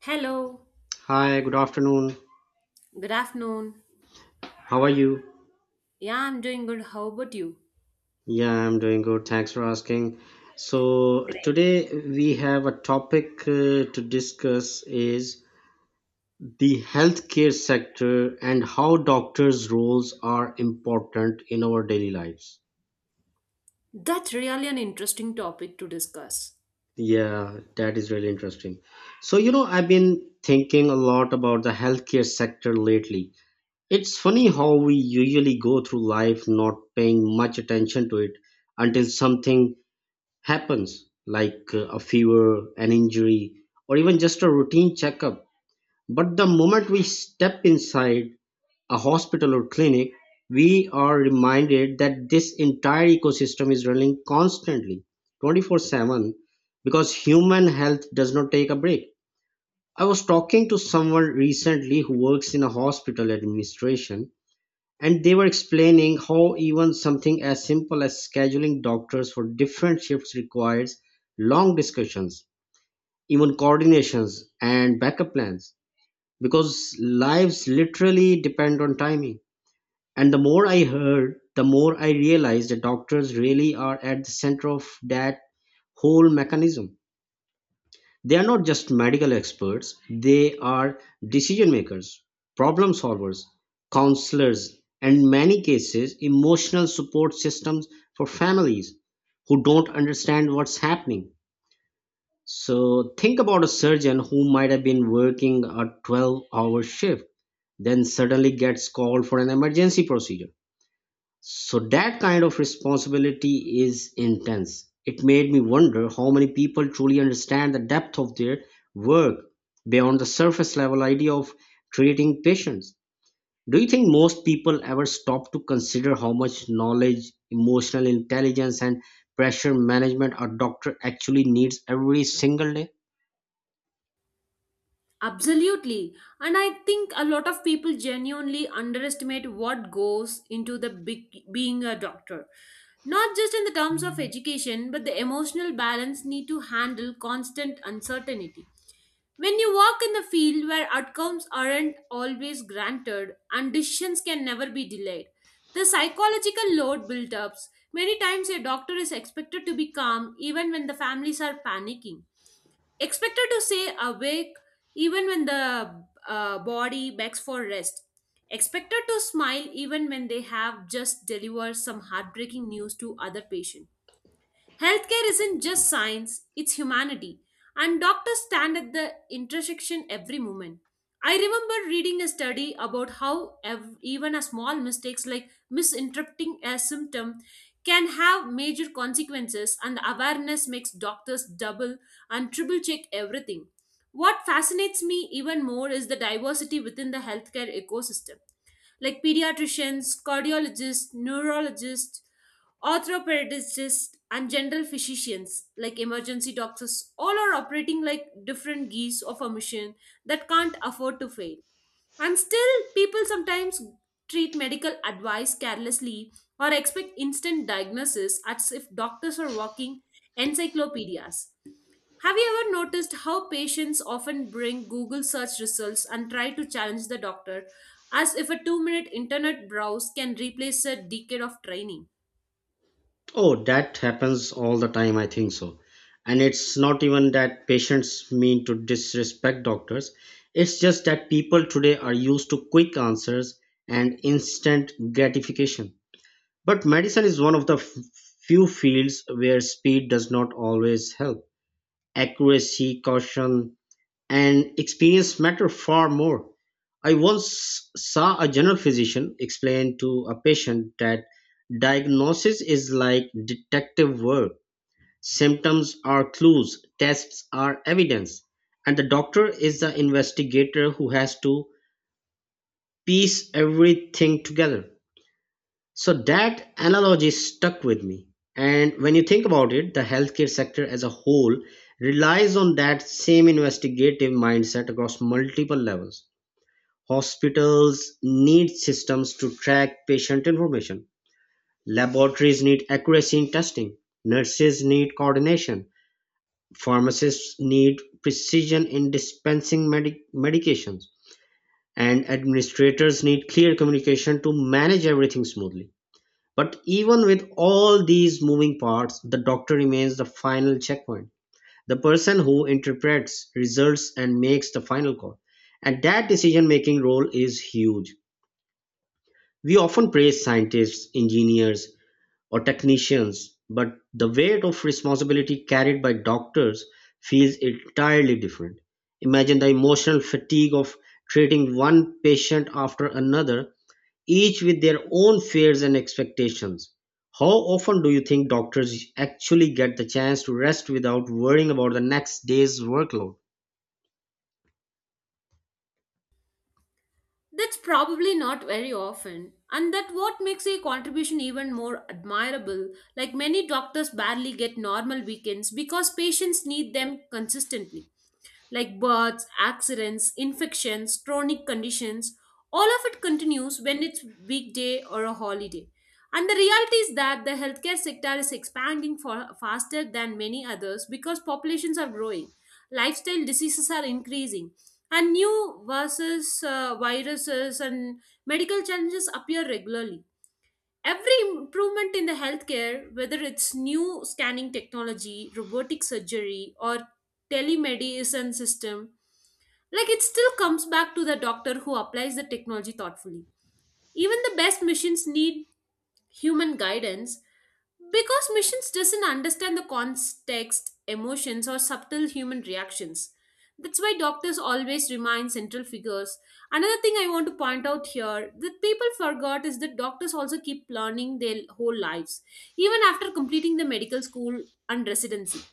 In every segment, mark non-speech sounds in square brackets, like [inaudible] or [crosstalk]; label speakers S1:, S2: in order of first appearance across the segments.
S1: Hello,
S2: Hi, good afternoon.
S1: good afternoon.
S2: How are you?
S1: Yeah, I'm doing good. How about you?
S2: Yeah, I'm doing good. Thanks for asking. So,
S1: Great.
S2: today we have a topic to discuss is the healthcare sector and how doctors' roles are important in our daily lives.
S1: That's really an interesting topic to discuss.
S2: Yeah, that is really interesting. So, you know, I've been thinking a lot about the healthcare sector lately. It's funny how we usually go through life not paying much attention to it until something happens, like a fever, an injury, or even just a routine checkup. But the moment we step inside a hospital or clinic, we are reminded that this entire ecosystem is running constantly, 24/7, because human health does not take a break. I was talking to someone recently who works in a hospital administration, and they were explaining how even something as simple as scheduling doctors for different shifts requires long discussions, even coordinations and backup plans, because lives literally depend on timing. And the more I heard, the more I realized that doctors really are at the center of that whole mechanism. They are not just medical experts, they are decision makers, problem solvers, counselors, and in many cases, emotional support systems for families who don't understand what's happening. So, think about a surgeon who might have been working a 12-hour hour shift, then suddenly gets called for an emergency procedure, so that kind of responsibility is intense. It made me wonder how many people truly understand the depth of their work beyond the surface level idea of treating patients. Do you think most people ever stop to consider how much knowledge, emotional intelligence, and pressure management a doctor actually needs every single day?
S1: Absolutely. And I think a lot of people genuinely underestimate what goes into being a doctor. Not just in the terms of education, but the emotional balance need to handle constant uncertainty. When you work in the field where outcomes aren't always granted and decisions can never be delayed, the psychological load builds up. Many times a doctor is expected to be calm even when the families are panicking, expected to stay awake even when the body begs for rest, expected to smile even when they have just delivered some heartbreaking news to other patients. Healthcare isn't just science, it's humanity, and doctors stand at the intersection every moment. I remember reading a study about how even a small mistakes like misinterpreting a symptom can have major consequences, and the awareness makes doctors double and triple check everything. What fascinates me even more is the diversity within the healthcare ecosystem, like pediatricians, cardiologists, neurologists, orthopedists, and general physicians, like emergency doctors, all are operating like different geese of a mission that can't afford to fail. And still, people sometimes treat medical advice carelessly or expect instant diagnosis as if doctors are walking encyclopedias. Have you ever noticed how patients often bring Google search results and try to challenge the doctor as if a 2-minute internet browse can replace a decade of training?
S2: Oh, that happens all the time, I think so. And it's not even that patients mean to disrespect doctors. It's just that people today are used to quick answers and instant gratification. But medicine is one of the few fields where speed does not always help. Accuracy, caution, and experience matter far more. I once saw a general physician explain to a patient that diagnosis is like detective work. Symptoms are clues, tests are evidence, and the doctor is the investigator who has to piece everything together. So that analogy stuck with me. And when you think about it, the healthcare sector as a whole relies on that same investigative mindset across multiple levels. Hospitals need systems to track patient information, laboratories need accuracy in testing, nurses need coordination, pharmacists need precision in dispensing medications, and administrators need clear communication to manage everything smoothly. But even with all these moving parts, the doctor remains the final checkpoint, the person who interprets results and makes the final call. And that decision making role is huge. We often praise scientists, engineers, or technicians, but the weight of responsibility carried by doctors feels entirely different. Imagine the emotional fatigue of treating one patient after another, each with their own fears and expectations. How often do you think doctors actually get the chance to rest without worrying about the next day's workload?
S1: That's probably not very often, and that what makes a contribution even more admirable. Like many doctors barely get normal weekends because patients need them consistently, like births, accidents, infections, chronic conditions. All of it continues when it's weekday or a holiday. And the reality is that the healthcare sector is expanding for faster than many others because populations are growing, lifestyle diseases are increasing, and new versus viruses and medical challenges appear regularly. Every improvement in the healthcare, whether it's new scanning technology, robotic surgery, or telemedicine system, like it still comes back to the doctor who applies the technology thoughtfully. Even the best machines need human guidance, because machines doesn't understand the context, emotions, or subtle human reactions. That's why doctors always remain central figures. Another thing I want to point out here that people forgot is that doctors also keep learning their whole lives, even after completing the medical school and residency.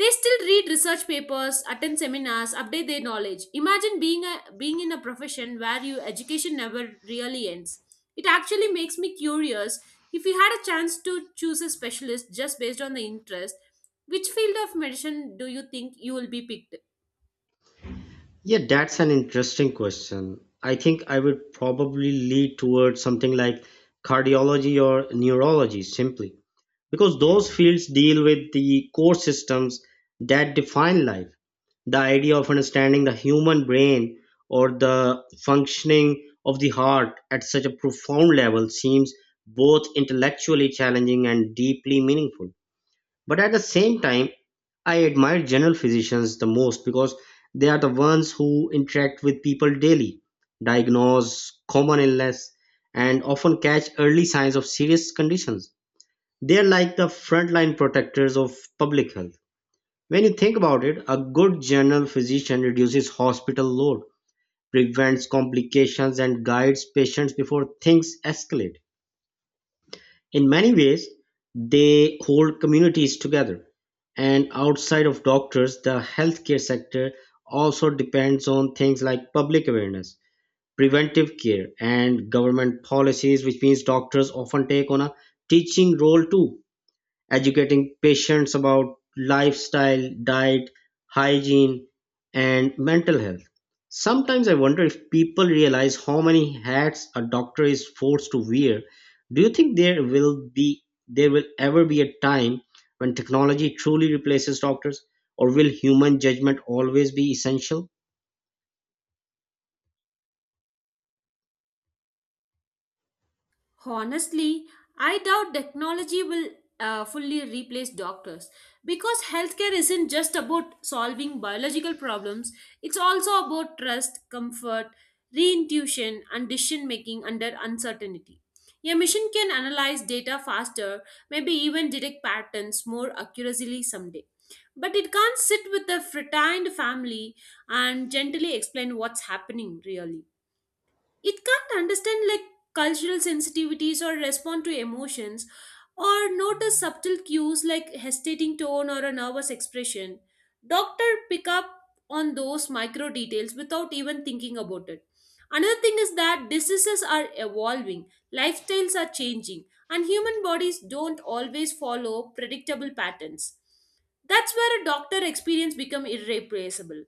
S1: They still read research papers, attend seminars, update their knowledge. Imagine being in a profession where your education never really ends. It actually makes me curious, if you had a chance to choose a specialist just based on the interest, which field of medicine do you think you will be picked?
S2: Yeah, that's an interesting question. I think I would probably lead towards something like cardiology or neurology simply because those fields deal with the core systems that define life. The idea of understanding the human brain or the functioning of the heart at such a profound level seems both intellectually challenging and deeply meaningful. But at the same time, I admire general physicians the most because they are the ones who interact with people daily, diagnose common illness, and often catch early signs of serious conditions. They are like the frontline protectors of public health. When you think about it, a good general physician reduces hospital load, prevents complications, and guides patients before things escalate. In many ways, they hold communities together, and outside of doctors, the healthcare sector also depends on things like public awareness, preventive care, and government policies, which means doctors often take on a teaching role too, educating patients about lifestyle, diet, hygiene, and mental health. Sometimes I wonder if people realize how many hats a doctor is forced to wear. Do you think there will ever be a time when technology truly replaces doctors, or will human judgment always be essential?
S1: Honestly, I doubt technology will fully replace doctors because healthcare isn't just about solving biological problems, it's also about trust, comfort, reintuition, and decision making under uncertainty. A machine can analyze data faster, maybe even detect patterns more accurately someday. But it can't sit with a frightened family and gently explain what's happening really. It can't understand like cultural sensitivities or respond to emotions or notice subtle cues like hesitating tone or a nervous expression. Doctor pick up on those micro details without even thinking about it. Another thing is that diseases are evolving, lifestyles are changing, and human bodies don't always follow predictable patterns. That's where a doctor experience become irreplaceable.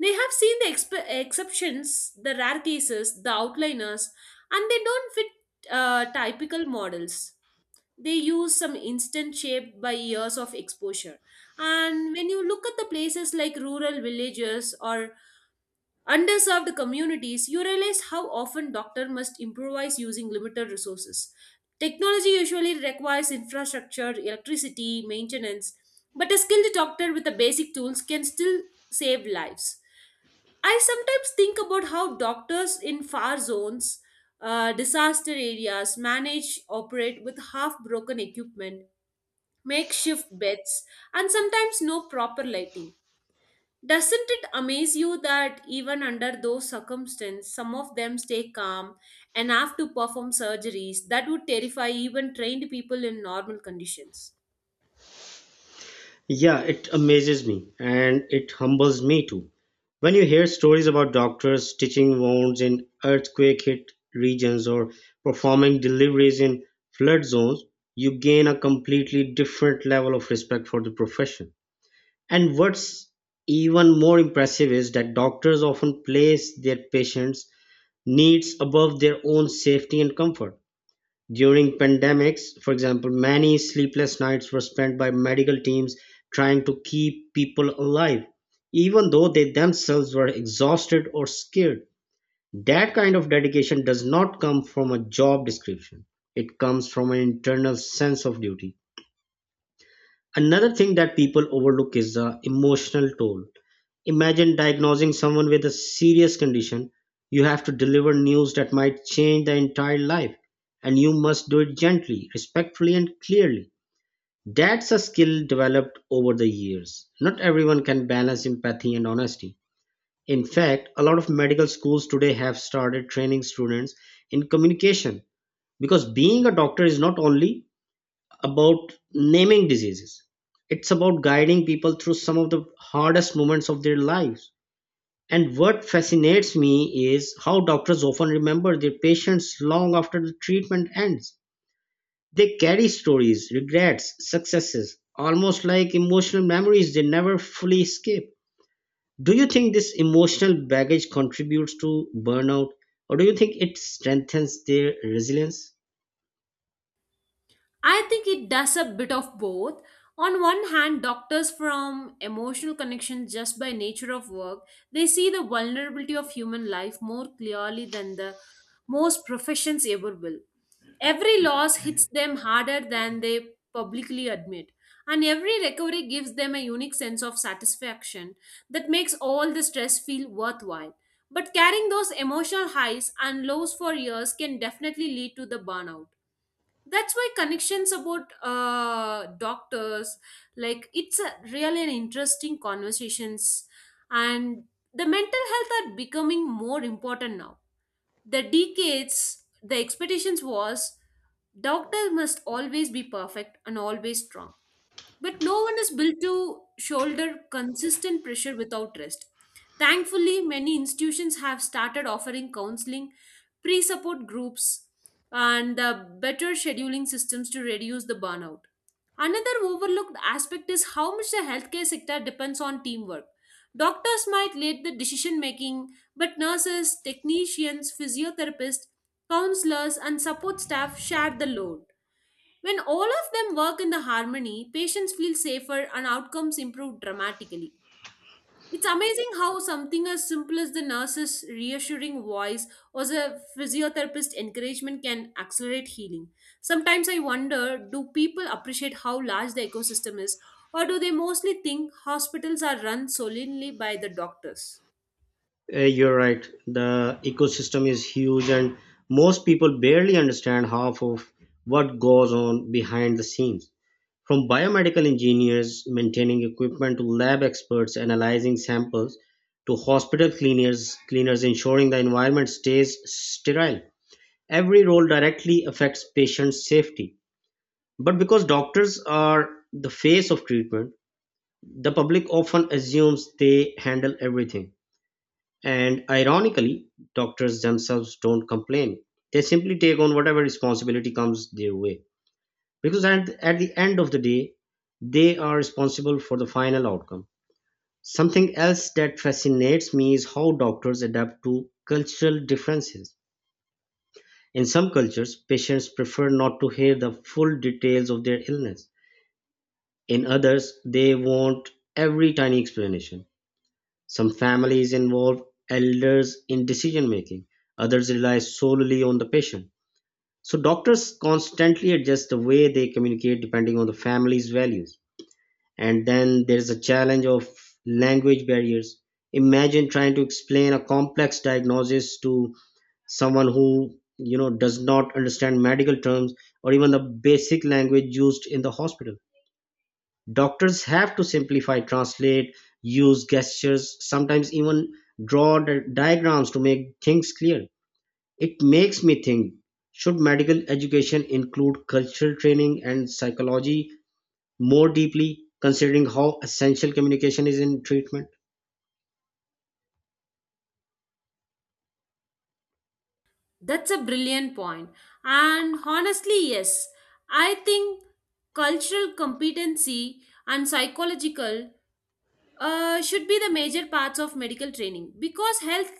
S1: They have seen the exceptions, the rare cases, the outliners, and they don't fit typical models. They use some instant shaped by years of exposure. And when you look at the places like rural villages or underserved communities, you realize how often doctor must improvise using limited resources. Technology usually requires infrastructure, electricity, maintenance, but a skilled doctor with the basic tools can still save lives. I sometimes think about how doctors in far zones, disaster areas manage operate with half broken equipment, makeshift beds, and sometimes no proper lighting. Doesn't it amaze you that even under those circumstances, some of them stay calm and have to perform surgeries that would terrify even trained people in normal conditions?
S2: Yeah, it amazes me, and it humbles me too. When you hear stories about doctors stitching wounds in earthquake hit regions or performing deliveries in flood zones, you gain a completely different level of respect for the profession. And what's even more impressive is that doctors often place their patients' needs above their own safety and comfort. During pandemics, for example, many sleepless nights were spent by medical teams trying to keep people alive, even though they themselves were exhausted or scared. That kind of dedication does not come from a job description, it comes from an internal sense of duty. Another thing that people overlook is the emotional toll. Imagine diagnosing someone with a serious condition. You have to deliver news that might change their entire life, and you must do it gently, respectfully, and clearly. That's a skill developed over the years. Not everyone can balance empathy and honesty. In fact, a lot of medical schools today have started training students in communication because being a doctor is not only about naming diseases. It's about guiding people through some of the hardest moments of their lives. And what fascinates me is how doctors often remember their patients long after the treatment ends. They carry stories, regrets, successes, almost like emotional memories they never fully escape. Do you think this emotional baggage contributes to burnout, or do you think it strengthens their resilience?
S1: I think it does a bit of both. On one hand, doctors from emotional connections just by nature of work, they see the vulnerability of human life more clearly than the most professions ever will. Every loss hits them harder than they publicly admit, and every recovery gives them a unique sense of satisfaction that makes all the stress feel worthwhile. But carrying those emotional highs and lows for years can definitely lead to the burnout. That's why connections about doctors, like it's a really an interesting conversations, and the mental health are becoming more important now. The decades the expectations was doctor must always be perfect and always strong, but no one is built to shoulder consistent pressure without rest. Thankfully, many institutions have started offering counseling, pre support groups, and better scheduling systems to reduce the burnout. Another overlooked aspect is how much the healthcare sector depends on teamwork. Doctors might lead the decision making, but nurses, technicians, physiotherapists, counselors, and support staff share the load. When all of them work in the harmony, patients feel safer and outcomes improve dramatically. It's amazing how something as simple as the nurse's reassuring voice or the physiotherapist encouragement can accelerate healing. Sometimes I wonder, do people appreciate how large the ecosystem is, or do they mostly think hospitals are run solely by the doctors?
S2: You're right. The ecosystem is huge, and most people barely understand half of what goes on behind the scenes. From biomedical engineers maintaining equipment to lab experts analyzing samples to hospital cleaners ensuring the environment stays sterile. Every role directly affects patient safety. But because doctors are the face of treatment, the public often assumes they handle everything, and ironically, doctors themselves don't complain. They simply take on whatever responsibility comes their way. Because at the end of the day, they are responsible for the final outcome. Something else that fascinates me is how doctors adapt to cultural differences. In some cultures, patients prefer not to hear the full details of their illness. In others, they want every tiny explanation. Some families involve elders in decision making, others rely solely on the patient. So, doctors constantly adjust the way they communicate depending on the family's values. And then there's a challenge of language barriers. Imagine trying to explain a complex diagnosis to someone who, you know, does not understand medical terms or even the basic language used in the hospital. Doctors have to simplify, translate, use gestures, sometimes even draw diagrams to make things clear. It makes me think, should medical education include cultural training and psychology more deeply, considering how essential communication is in treatment?
S1: That's a brilliant point. And honestly, yes, I think cultural competency and psychological should be the major parts of medical training because health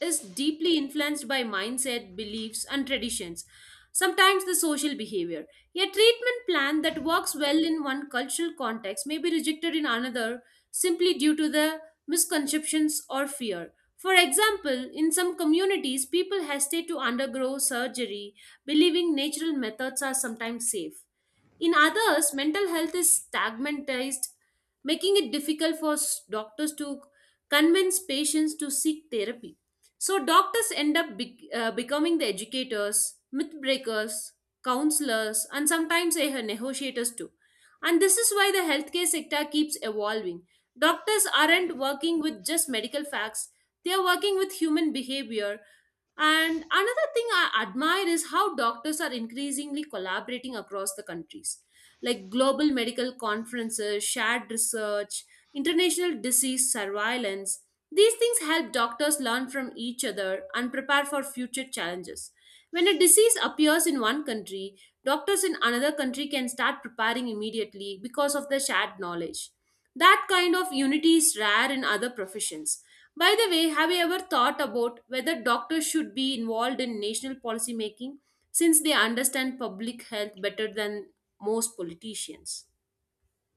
S1: is deeply influenced by mindset, beliefs, and traditions, sometimes the social behavior. A treatment plan that works well in one cultural context may be rejected in another simply due to the misconceptions or fear. For example, in some communities, people hesitate to undergo surgery, believing natural methods are sometimes safe. In others, mental health is stigmatized, making it difficult for doctors to convince patients to seek therapy. So, doctors end up becoming the educators, myth breakers, counselors, and sometimes negotiators too. And this is why the healthcare sector keeps evolving. Doctors aren't working with just medical facts, they are working with human behavior. And another thing I admire is how doctors are increasingly collaborating across the countries, like global medical conferences, shared research, international disease surveillance. These things help doctors learn from each other and prepare for future challenges. When a disease appears in one country, doctors in another country can start preparing immediately because of the shared knowledge. That kind of unity is rare in other professions. By the way, have you ever thought about whether doctors should be involved in national policy making since they understand public health better than most politicians?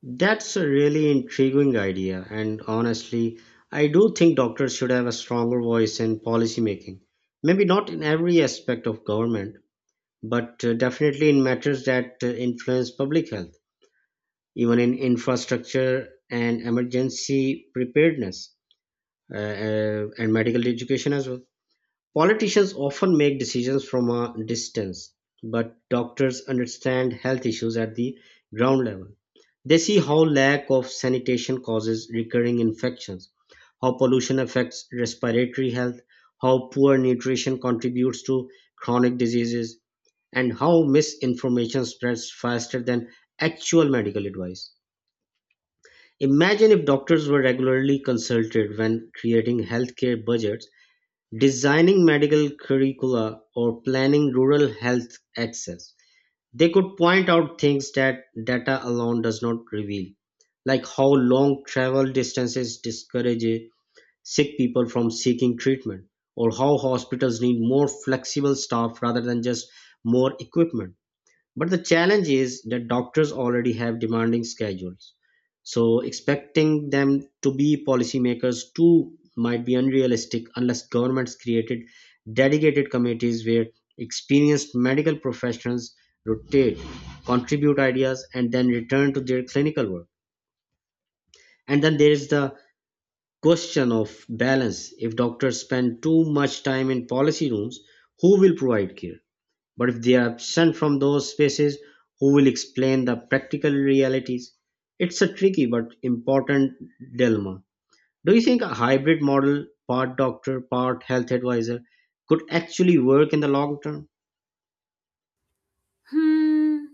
S2: That's a really intriguing idea, and honestly, I do think doctors should have a stronger voice in policy making. Maybe not in every aspect of government, but definitely in matters that influence public health, even in infrastructure and emergency preparedness, and medical education as well. Politicians often make decisions from a distance, but doctors understand health issues at the ground level. They see how lack of sanitation causes recurring infections, how pollution affects respiratory health, how poor nutrition contributes to chronic diseases, and how misinformation spreads faster than actual medical advice. Imagine if doctors were regularly consulted when creating healthcare budgets, designing medical curricula, or planning rural health access. They could point out things that data alone does not reveal, like how long travel distances discourage sick people from seeking treatment, or how hospitals need more flexible staff rather than just more equipment. But the challenge is that doctors already have demanding schedules. So expecting them to be policymakers too might be unrealistic unless governments created dedicated committees where experienced medical professionals rotate, contribute ideas, and then return to their clinical work. And then there is the question of balance. If doctors spend too much time in policy rooms, who will provide care? But if they are absent from those spaces, who will explain the practical realities? It's a tricky but important dilemma. Do you think a hybrid model, part doctor, part health advisor, could actually work in the long term?
S1: Hmm.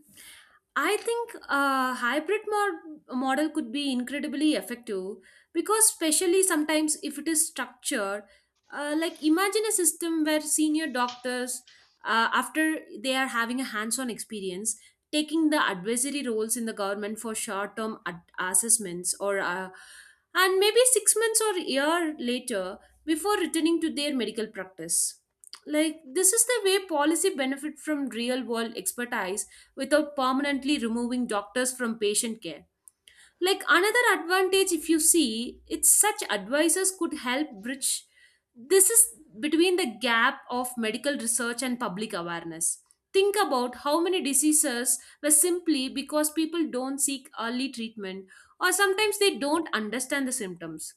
S1: I think a hybrid model could be incredibly effective because, especially sometimes, if it is structured, like imagine a system where senior doctors, after they are having a hands on experience, taking the advisory roles in the government for short term assessments or and maybe 6 months or a year later before returning to their medical practice. Like this is the way policy benefit from real world expertise without permanently removing doctors from patient care. Like another advantage if you see, it's such advisors could help bridge this is between the gap of medical research and public awareness. Think about how many diseases were simply because people don't seek early treatment or sometimes they don't understand the symptoms.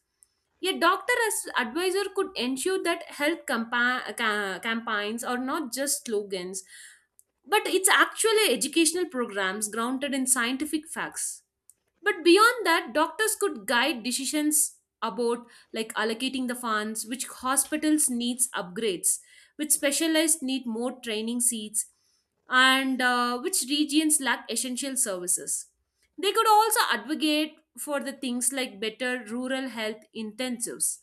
S1: A doctor as advisor could ensure that health campaigns are not just slogans, but it's actually educational programs grounded in scientific facts. But beyond that, doctors could guide decisions about, like, allocating the funds, which hospitals needs upgrades, which specialized need more training seats, and which regions lack essential services. They could also advocate for the things like better rural health intensives,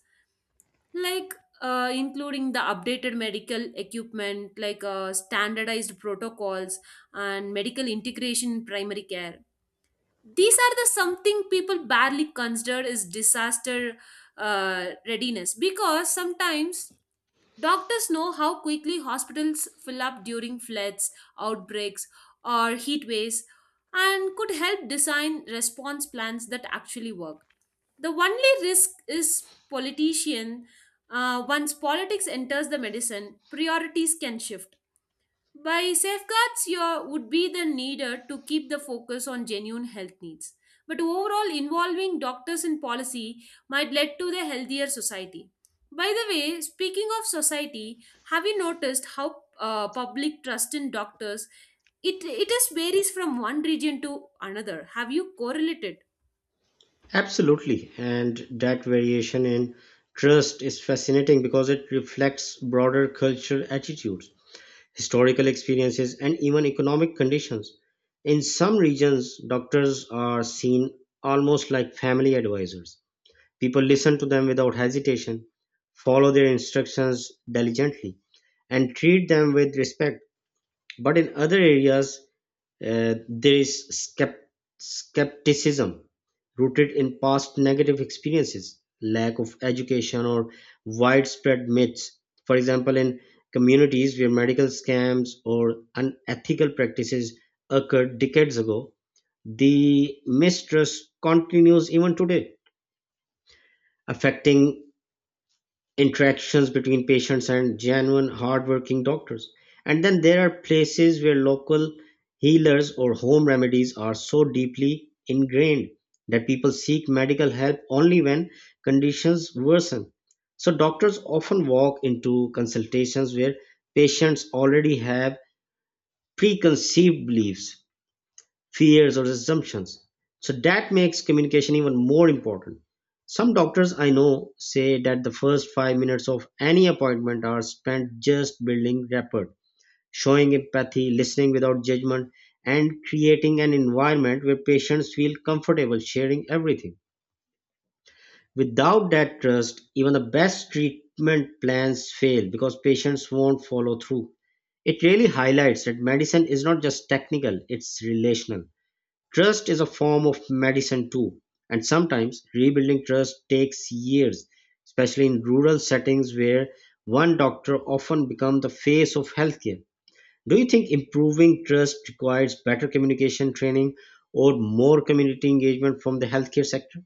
S1: like including the updated medical equipment, like standardized protocols and medical integration in primary care. These are the something people barely consider is disaster readiness, because sometimes doctors know how quickly hospitals fill up during floods, outbreaks, or heat waves, and could help design response plans that actually work. The only risk is politician. Once politics enters the medicine priorities can shift, by safeguards, your would be the needed to keep the focus on genuine health needs. But overall, involving doctors in policy might lead to the healthier society. By the way, speaking of society, have you noticed how public trust in doctors it is varies from one region to another? Have you correlated?
S2: Absolutely. And that variation in trust is fascinating because it reflects broader cultural attitudes, historical experiences, and even economic conditions. In some regions, doctors are seen almost like family advisors. People listen to them without hesitation, follow their instructions diligently, and treat them with respect. But in other areas, there is skepticism rooted in past negative experiences, lack of education, or widespread myths. For example, in communities where medical scams or unethical practices occurred decades ago, the mistrust continues even today, affecting interactions between patients and genuine hardworking doctors, and then there are places where local healers or home remedies are so deeply ingrained that people seek medical help only when conditions worsen. So doctors often walk into consultations where patients already have preconceived beliefs, fears, or assumptions. So that makes communication even more important. Some doctors I know say that the first 5 minutes of any appointment are spent just building rapport, showing empathy, listening without judgment, and creating an environment where patients feel comfortable sharing everything. Without that trust, even the best treatment plans fail because patients won't follow through. It really highlights that medicine is not just technical, it's relational. Trust is a form of medicine too, and sometimes rebuilding trust takes years, especially in rural settings where one doctor often becomes the face of healthcare. Do you think improving trust requires better communication training or more community engagement from the healthcare sector?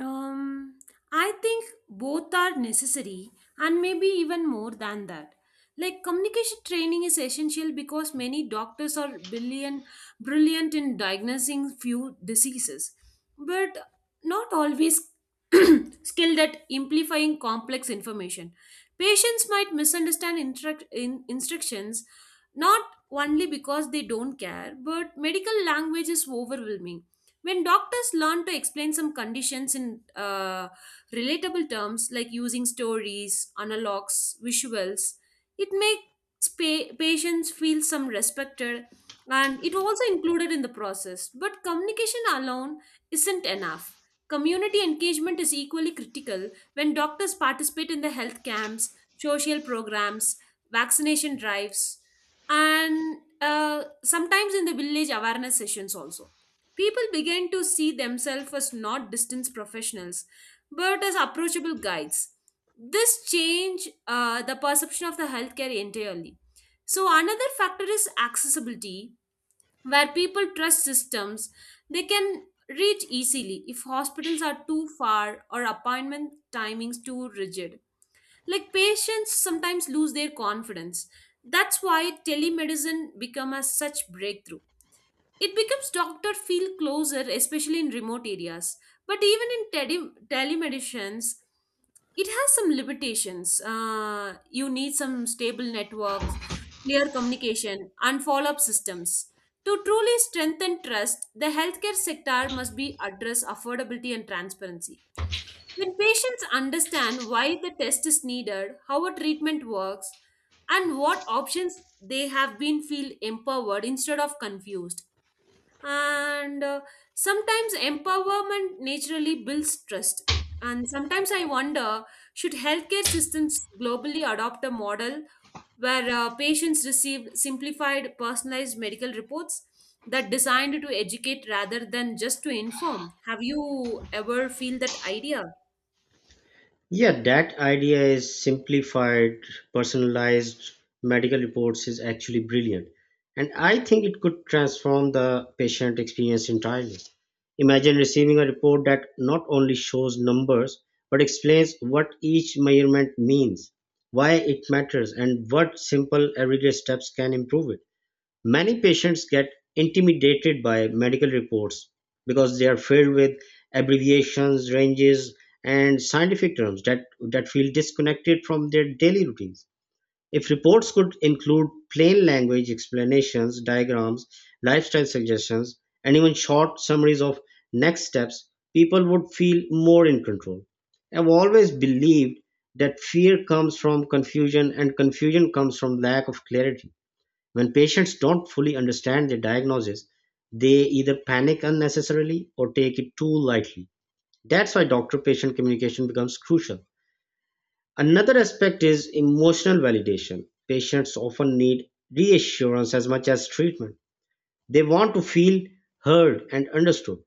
S1: Um, I think both are necessary and maybe even more than that. Like communication training is essential because many doctors are brilliant in diagnosing few diseases, but not always [clears throat] skilled at amplifying complex information. Patients might misunderstand instructions, not only because they don't care, but medical language is overwhelming. When doctors learn to explain some conditions in relatable terms, like using stories, analogs, visuals, it makes patients feel some respected and it also included in the process. But communication alone isn't enough. Community engagement is equally critical. When doctors participate in the health camps, social programs, vaccination drives, and sometimes in the village awareness sessions also, people began to see themselves as not distant professionals, but as approachable guides. This changed the perception of the healthcare entirely. So, another factor is accessibility, where people trust systems they can reach easily. If hospitals are too far or appointment timings too rigid, like, patients sometimes lose their confidence. That's why telemedicine become a such breakthrough. It becomes doctor feel closer, especially in remote areas. But even in telemedicines, it has some limitations. You need some stable networks, clear communication, and follow up systems. To truly strengthen trust, the healthcare sector must be address affordability and transparency. When patients understand why the test is needed, how a treatment works, and what options they have, been feel empowered instead of confused, and sometimes empowerment naturally builds trust. And sometimes I wonder, should healthcare systems globally adopt a model where patients receive simplified personalized medical reports that designed to educate rather than just to inform? Have you ever feel that idea?
S2: Yeah, that idea is simplified, personalized medical reports is actually brilliant. And I think it could transform the patient experience entirely. Imagine receiving a report that not only shows numbers, but explains what each measurement means, why it matters, and what simple everyday steps can improve it. Many patients get intimidated by medical reports because they are filled with abbreviations, ranges, and scientific terms that feel disconnected from their daily routines. If reports could include plain language explanations, diagrams, lifestyle suggestions, and even short summaries of next steps, people would feel more in control. I've always believed that fear comes from confusion and confusion comes from lack of clarity. When patients don't fully understand their diagnosis, they either panic unnecessarily or take it too lightly. That's why doctor patient communication becomes crucial. Another aspect is emotional validation. Patients often need reassurance as much as treatment. They want to feel heard and understood.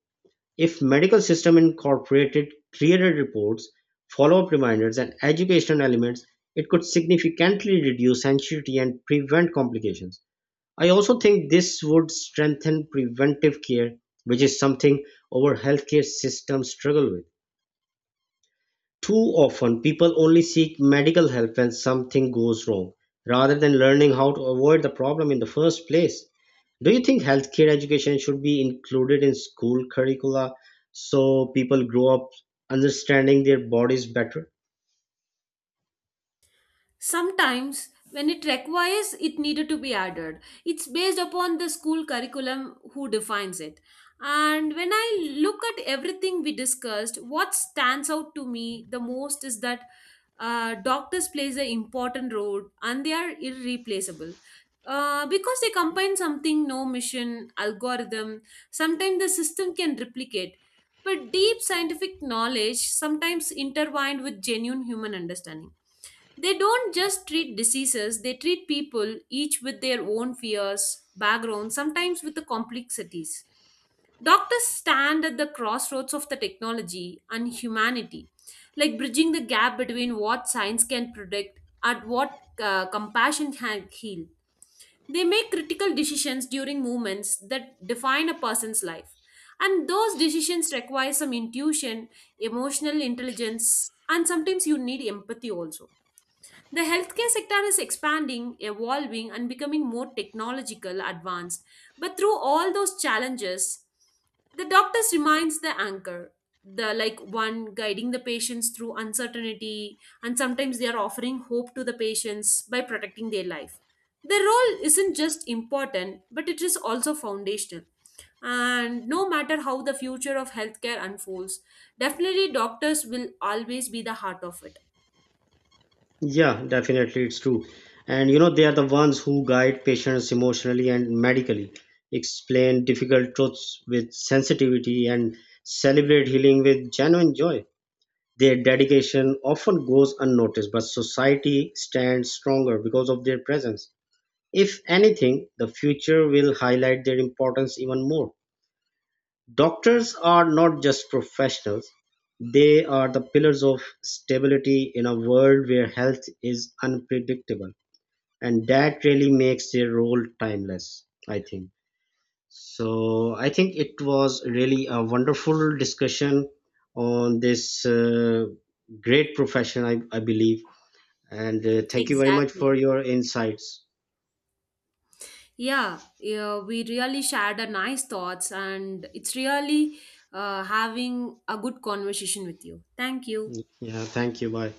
S2: If medical system incorporated clearer reports, follow-up reminders and educational elements, it could significantly reduce anxiety and prevent complications. I also think this would strengthen preventive care, which is something our healthcare system struggle with. Too often, people only seek medical help when something goes wrong, rather than learning how to avoid the problem in the first place. Do you think healthcare education should be included in school curricula so people grow up understanding their bodies better?
S1: Sometimes, when it requires, it needed to be added. It's based upon the school curriculum who defines it. And when I look at everything we discussed, what stands out to me the most is that doctors plays an important role and they are irreplaceable. Because they combine something, no mission, algorithm, sometimes the system can replicate. But deep scientific knowledge sometimes intertwined with genuine human understanding. They don't just treat diseases, they treat people, each with their own fears, backgrounds, sometimes with the complexities. Doctors stand at the crossroads of the technology and humanity, like bridging the gap between what science can predict and what compassion can heal. They make critical decisions during moments that define a person's life. And those decisions require some intuition, emotional intelligence, and sometimes you need empathy also. The healthcare sector is expanding, evolving, and becoming more technological advanced. But through all those challenges, the doctors remains the anchor. The like one guiding the patients through uncertainty, and sometimes they are offering hope to the patients by protecting their life. Their role isn't just important, but it is also foundational. And no matter how the future of healthcare unfolds, definitely doctors will always be the heart of it.
S2: Yeah, definitely, it's true. And you know, they are the ones who guide patients emotionally and medically, explain difficult truths with sensitivity, and celebrate healing with genuine joy. Their dedication often goes unnoticed, but society stands stronger because of their presence. If anything, the future will highlight their importance even more. Doctors are not just professionals, they are the pillars of stability in a world where health is unpredictable. And that really makes their role timeless, I think. So I think it was really a wonderful discussion on this great profession, I believe. And thank you very much for
S1: Exactly.
S2: your insights.
S1: Yeah, yeah, we really shared a nice thoughts, and it's really having a good conversation with you. Thank you.
S2: Yeah, thank you. Bye.